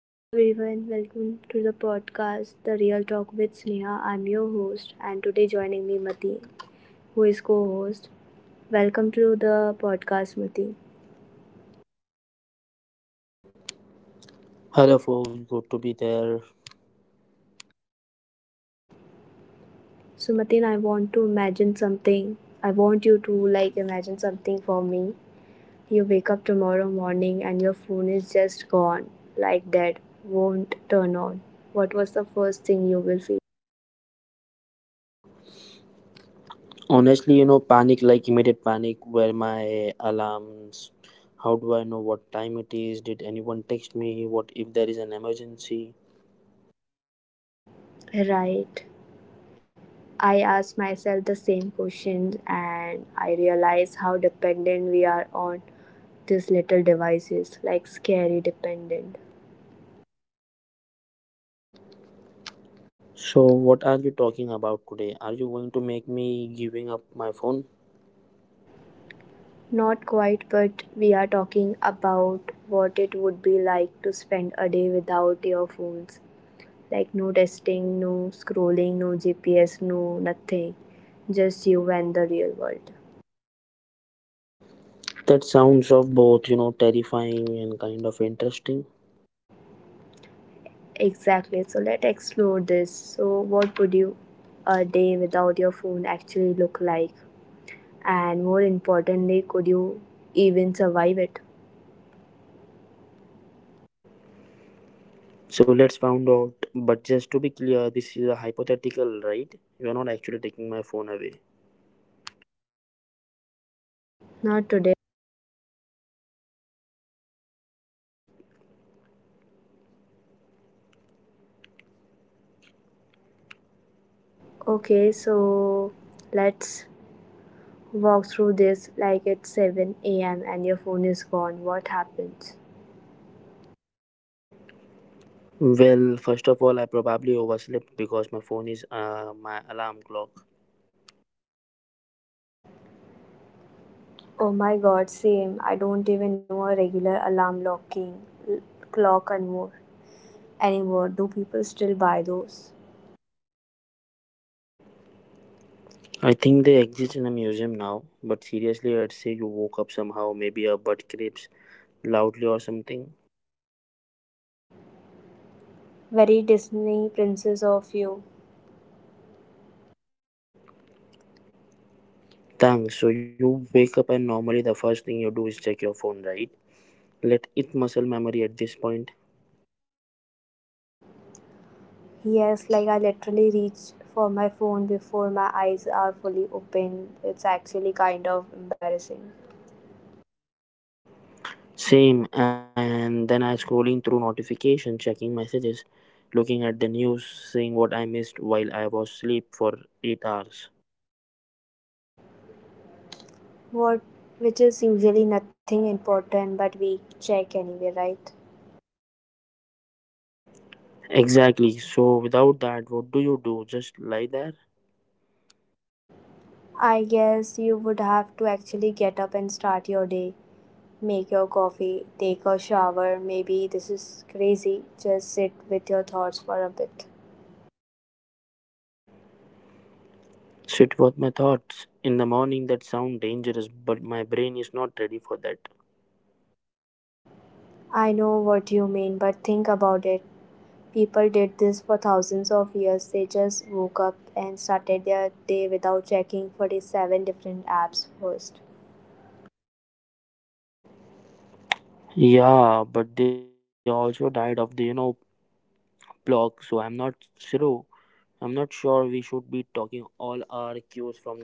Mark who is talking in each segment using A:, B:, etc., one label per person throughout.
A: Hello everyone, welcome to the podcast The Real Talk with Sneha. I'm your host and today joining me Mati, who is co-host. Welcome to the podcast Mati.
B: Hello, folks. Good to be there.
A: So Matin, I want to imagine something. I want you to imagine something for me. You wake up tomorrow morning and your phone is just gone like that. Won't turn on. What was the first thing you will feel?
B: Panic, like immediate panic. Where my alarms? How do I know what time it is? Did anyone text me? What if there is an emergency?
A: Right. I ask myself the same questions and I realize how dependent we are on these little devices, like scary dependent.
B: So, what are we talking about today? Are you going to make me giving up my phone?
A: Not quite, but we are talking about what it would be like to spend a day without your phones. Like no testing, no scrolling, no GPS, no nothing. Just you and the real world.
B: That sounds of both, terrifying and kind of interesting.
A: Exactly. So let's explore this. So, what would you a day without your phone actually look like? And more importantly, could you even survive it?
B: So let's find out. But just to be clear, this is a hypothetical, right? You are not actually taking my phone away.
A: Not today. Okay,
B: Okay,
A: so
B: so
A: let's walk through this, like it's 7 a.m. and your phone is gone. What happens?
B: well, first of all, I probably overslept because my phone is my alarm clock.
A: Oh my god, same. I don't even know a regular alarm locking clock anymore. Do people still buy those?
B: I think they exist in a museum now, but seriously, I'd say you woke up somehow, maybe a butt creeps loudly or something.
A: Very Disney princess of you.
B: Thanks. So you wake up, and normally the first thing you do is check your phone, right? Let it muscle memory at this point.
A: Yes, like I literally reach for my phone before my eyes are fully open. It's actually kind of embarrassing.
B: Same, and then I scrolling through notification, checking messages, looking at the news, seeing what I missed while I was asleep for 8 hours.
A: What? Which is usually nothing important, but we check anyway, right?
B: Exactly. So without that, what do you do? Just lie there?
A: I guess you would have to actually get up and start your day. Make your coffee, take a shower, maybe, this is crazy, just sit with your thoughts for a bit.
B: Sit with my thoughts. In the morning, that sound dangerous, but my brain is not ready for that.
A: I know what you mean, but think about it. People did this for thousands of years. They just woke up and started their day without checking 47 different apps first.
B: Yeah, but they also died of the block, so I'm not sure. I'm not sure we should be talking all our cues from them.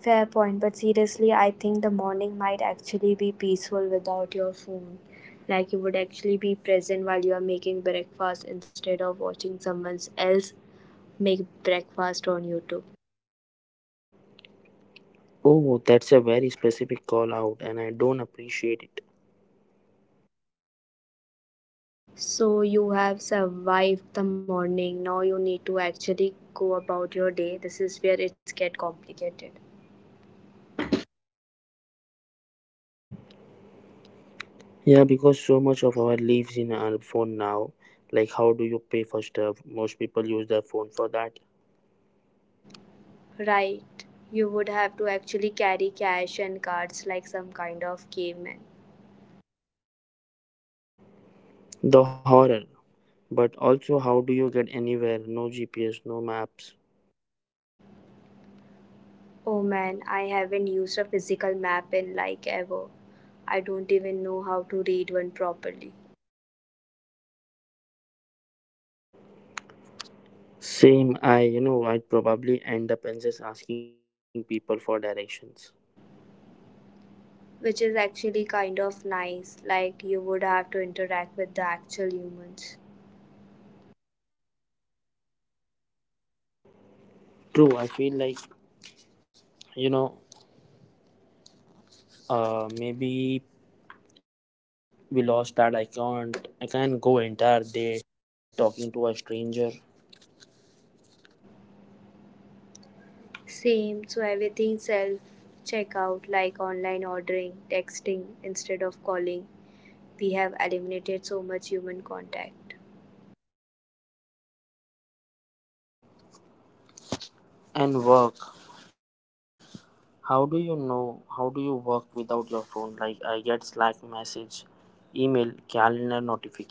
A: Fair point, but seriously, I think the morning might actually be peaceful without your phone. Like you would actually be present while you are making breakfast instead of watching someone else make breakfast on YouTube.
B: Oh, that's a very specific call out, and I don't appreciate it.
A: So you have survived the morning. Now you need to actually go about your day. This is where it's get complicated.
B: Yeah, because so much of our lives in our phone now. Like, how do you pay for stuff? Most people use their phone for that.
A: Right. You would have to actually carry cash and cards like some kind of caveman.
B: The horror. But also, how do you get anywhere? No GPS.
A: Oh man, I haven't used a physical map in like ever. I don't even know how to read one properly.
B: Same, I you know I'd probably end up and just asking people for directions.
A: Which is actually kind of nice, like you would have to interact with the actual humans.
B: True, I feel like, you know maybe we lost that. I can't go entire day without talking to a stranger.
A: Same, so everything self checkout, like online ordering, texting instead of calling. We have eliminated so much human contact.
B: And work, how do you work without your phone? Like, I get Slack message, email, calendar notification.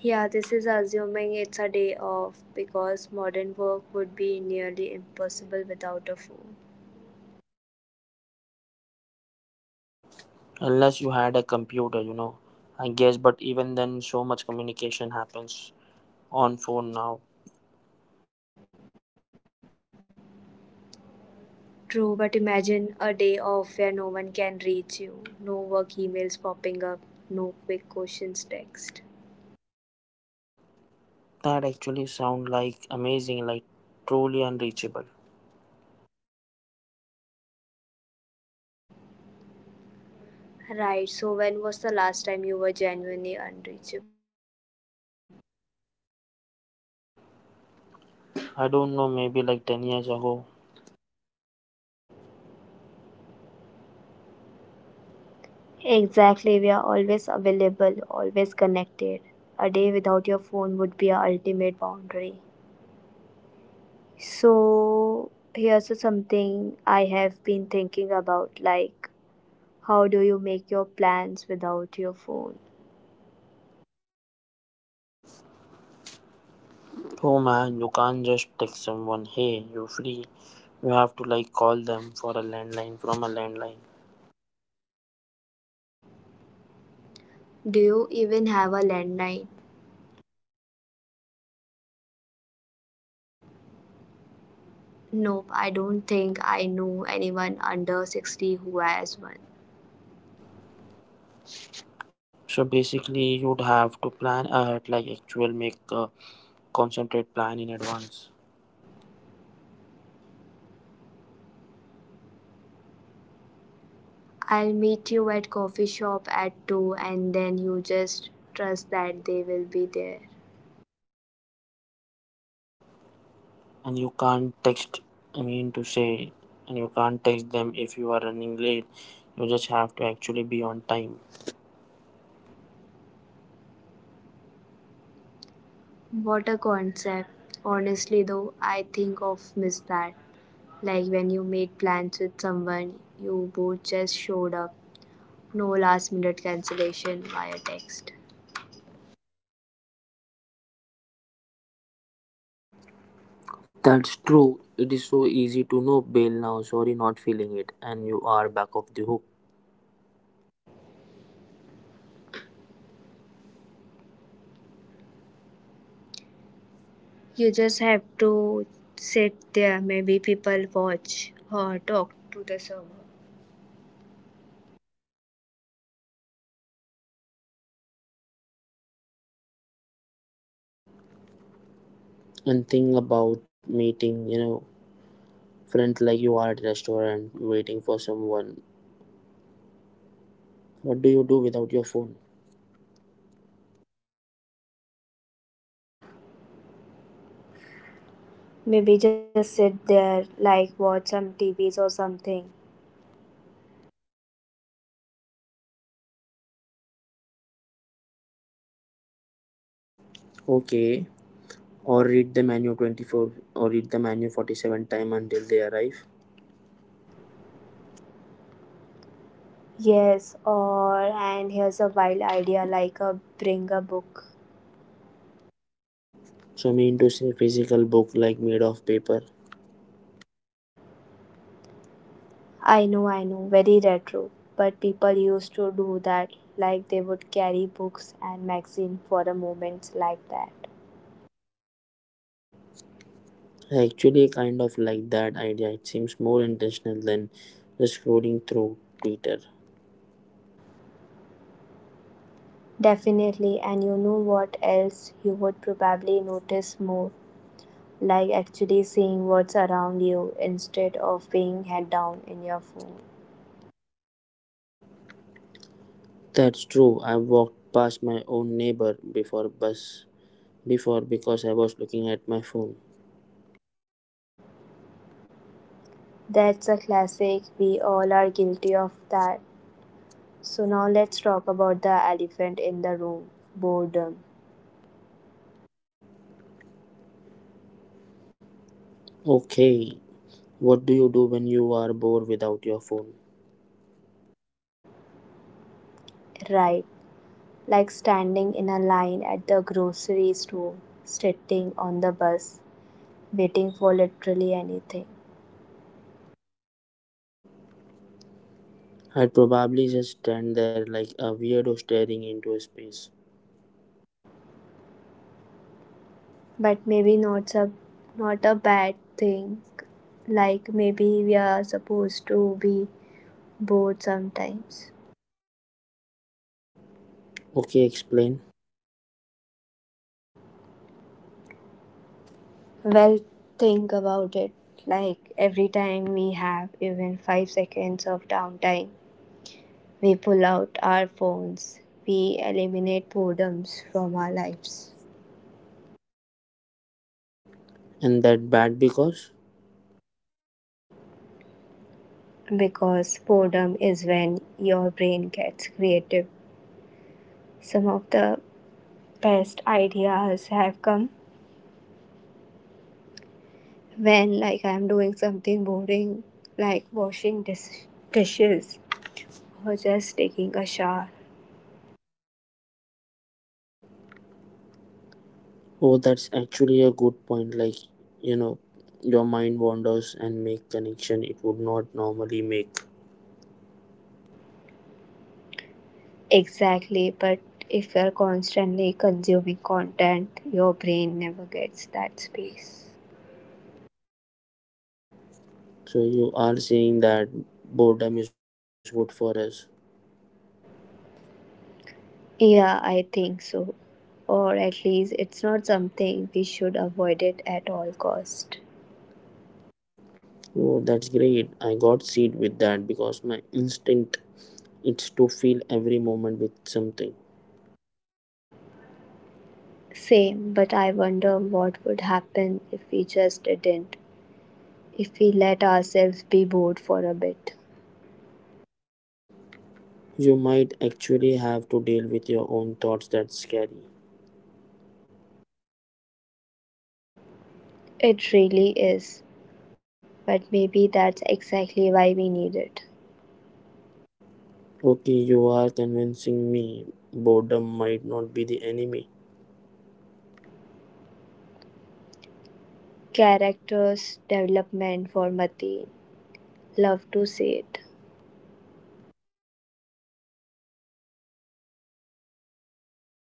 A: Yeah, this is assuming it's a day off, because modern work would be nearly impossible without a phone.
B: Unless you had a computer, I guess, but even then, so much communication happens on phone now.
A: True, but imagine a day off where no one can reach you, no work emails popping up, no quick questions text.
B: That actually sound like amazing, like truly.
A: Right, so when was the last time you were genuinely unreachable?
B: I don't know, maybe like 10 years ago.
A: Exactly, we are always available, always connected. A day without your phone would be our ultimate boundary. So, here's something I have been thinking about, like, how do you make your plans without your phone?
B: Oh man, you can't just text someone, hey, you free. You have to like call them for a landline from a landline.
A: Do you even have a landline?
B: No, do you?
A: Nope, I don't think I know anyone under 60 who has one.
B: So basically, you'd have to plan ahead, like actual make a concentrate plan in advance.
A: I'll meet you at coffee shop at 2, and then you just trust that they will be there.
B: And you can't text, I mean to say, and you can't text them if you are running late. You just have to actually be on time.
A: What a concept. Honestly though, I think of miss that. Like when you made plans with someone, you both just showed up. No last minute cancellation via text.
B: That's true, it is so easy to know bail now. Sorry, not feeling it, and you are back of the hook.
A: You just have to sit there, maybe people watch or talk to the server.
B: And think about meeting, friends, like you are at a restaurant waiting for someone. What do you do without your phone?
A: Maybe just sit there, like watch some TVs or something.
B: Okay, or read the menu 47 time until they arrive.
A: Yes, or and here's a wild idea, like a bring a book.
B: So, I mean to say, physical book, like made.
A: I know, very retro, but people used to do that. Like they would carry books and magazine for a moment like that.
B: I actually kind of like that idea. It seems more intentional than just scrolling through Twitter.
A: Definitely, and you know what else you would probably notice more, like actually seeing what's around you instead of being head down in your phone.
B: That's true. I walked past my own neighbor before because I was looking at my phone.
A: That's a classic. We all are guilty of that. So now let's talk about the elephant in the room, boredom.
B: Okay, what do you do when you are bored without your phone?
A: Right, like standing in a line at the grocery store, sitting on the bus, waiting for literally anything.
B: I'd probably just stand there like a weirdo staring into a space.
A: But maybe not a bad thing. Like maybe we are supposed to be bored sometimes.
B: Okay, explain.
A: Well, think about it. Like every time we have even 5 seconds of downtime, we pull out our phones. We eliminate boredoms from our lives.
B: And that bad because?
A: Because boredom is when your brain gets creative. Some of the best ideas have come when, like, I'm doing something boring, like dishes or just taking a shower.
B: Oh, that's actually a good point. Like, you know, your mind wanders and make connection it would not normally make.
A: Exactly, but if you're constantly consuming content, your brain never gets that space.
B: So you are saying that boredom is good for us.
A: Yeah, I think so. Or at least it's not something we should avoid it at all cost.
B: Oh, that's great. I got seed with that because my instinct it's to fill every moment with something.
A: Same, but I wonder what would happen if we just didn't, if we let ourselves be bored for a bit.
B: You might actually have to deal with your own thoughts. That's scary.
A: It really is, but maybe that's exactly why we need it.
B: Okay, you are convincing me, boredom might not be the enemy.
A: Characters development for Mati. Love to see it.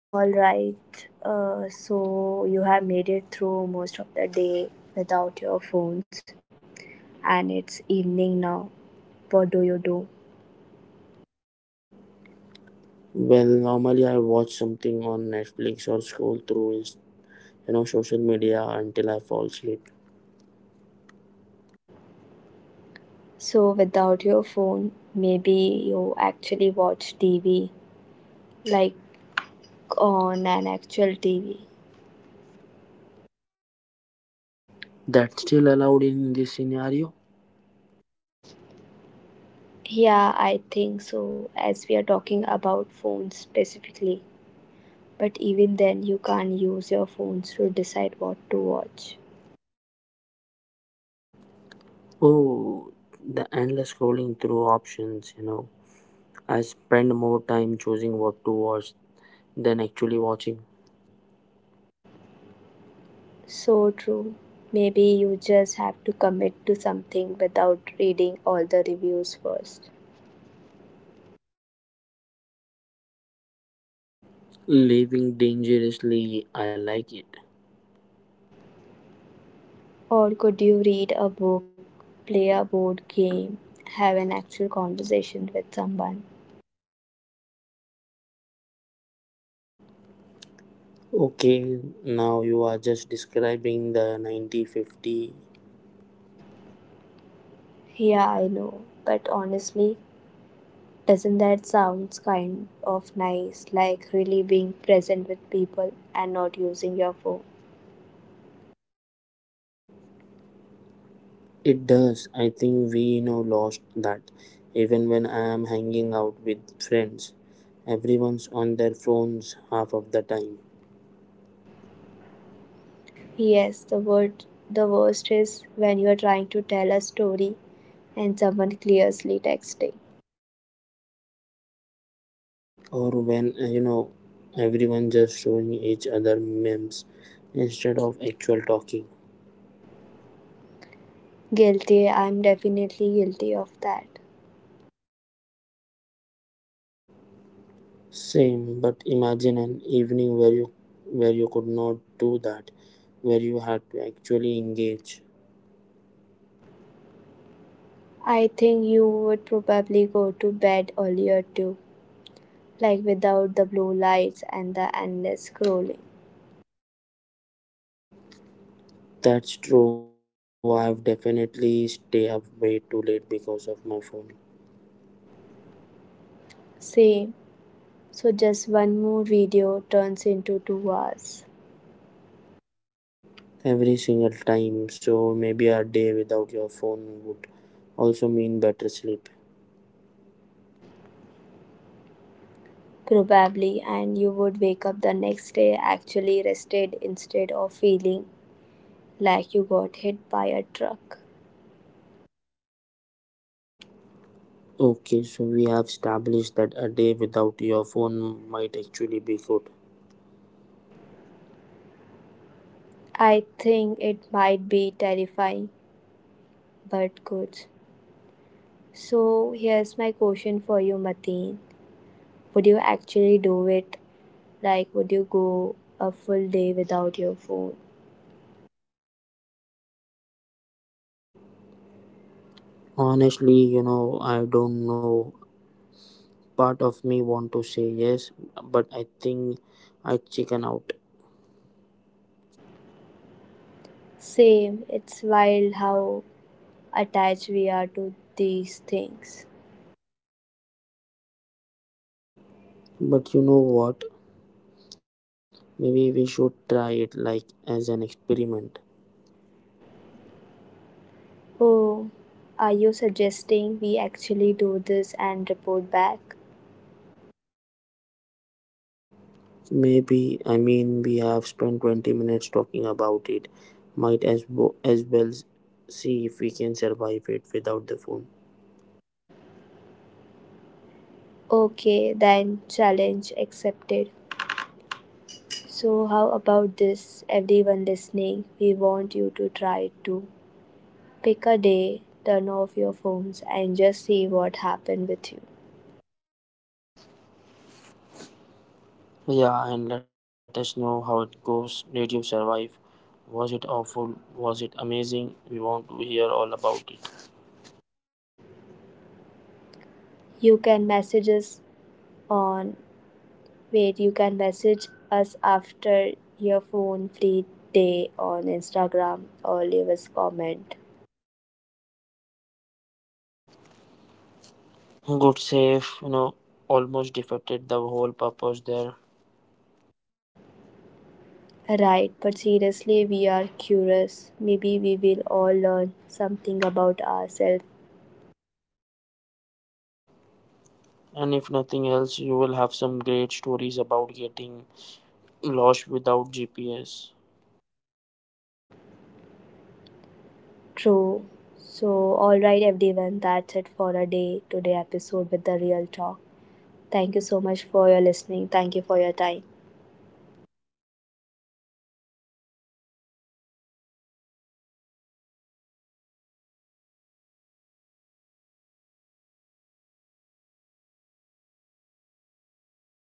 A: All right. So you have made it through most of the day without your phones, and it's evening now. What do you do?
B: Well, normally I watch something on Netflix or scroll through, social media until I fall asleep.
A: So without your phone, maybe you actually watch TV, like on an actual TV.
B: That's still allowed in this scenario.
A: Yeah, I think so, as we are talking about phones specifically. But even then, you can't use your phones to decide what to watch.
B: Oh, the endless scrolling through options, I spend more time choosing what to watch than actually watching.
A: So true. Maybe you just have to commit to something without reading all the reviews first.
B: Living dangerously, I like it.
A: Or could you read a book, play a board game, have an actual conversation with someone?
B: Okay, now you are just describing the 9050.
A: Yeah, I know. But honestly, doesn't that sounds kind of nice? Like really being present with people and not using your phone.
B: It does, I think we you know lost that. Even when I am hanging out with friends, everyone's on their phones half of the time.
A: Yes, the worst is when you are trying to tell a story and someone clearly texting.
B: Or when, everyone just showing each other memes instead of actual talking.
A: Guilty, I'm definitely guilty of that.
B: Same, but imagine an evening where you could not do that, where you had to actually engage.
A: I think you would probably go to bed earlier too, like without the blue lights and the endless scrolling.
B: That's true, I've definitely stay up way too late because of my phone.
A: Same. So just one more video turns into 2 hours.
B: Every single time. So maybe a day without your phone would also mean better sleep.
A: Probably, and you would wake up the next day actually rested instead of feeling like you got hit by a truck.
B: Okay, so we have established that a day without your phone might actually be good.
A: I think it might be terrifying, but good. So here's my question for you, Mateen. Would you actually do it? Like, would you go a full day without your phone?
B: I don't know. Part of me want to say yes, but I think I chicken out.
A: Same, it's wild how attached we are to these things.
B: But you know what? Maybe we should try it, like as an experiment.
A: Oh, are you suggesting we actually do this and report back?
B: Maybe, I mean, we have spent 20 minutes talking about it. Might as see if we can survive it without the phone.
A: Okay, then challenge accepted. So, how about this, everyone listening? We want you to try to pick a day, turn off your phones, and just see what happened with you.
B: Yeah, and let us know how it goes. Did you survive? Was it awful? Was it amazing? We want to hear all about it.
A: You can message us on Wait, You can message us after your phone free day on Instagram or leave us comment.
B: Good save, almost defeated the whole purpose there.
A: Right, but seriously, we are curious. Maybe we will all learn something about ourselves.
B: And if nothing else, you will have some great stories about getting lost without GPS.
A: True. So, alright, everyone, that's it for a day today episode with the real talk. Thank you so much for your listening. Thank you for your time.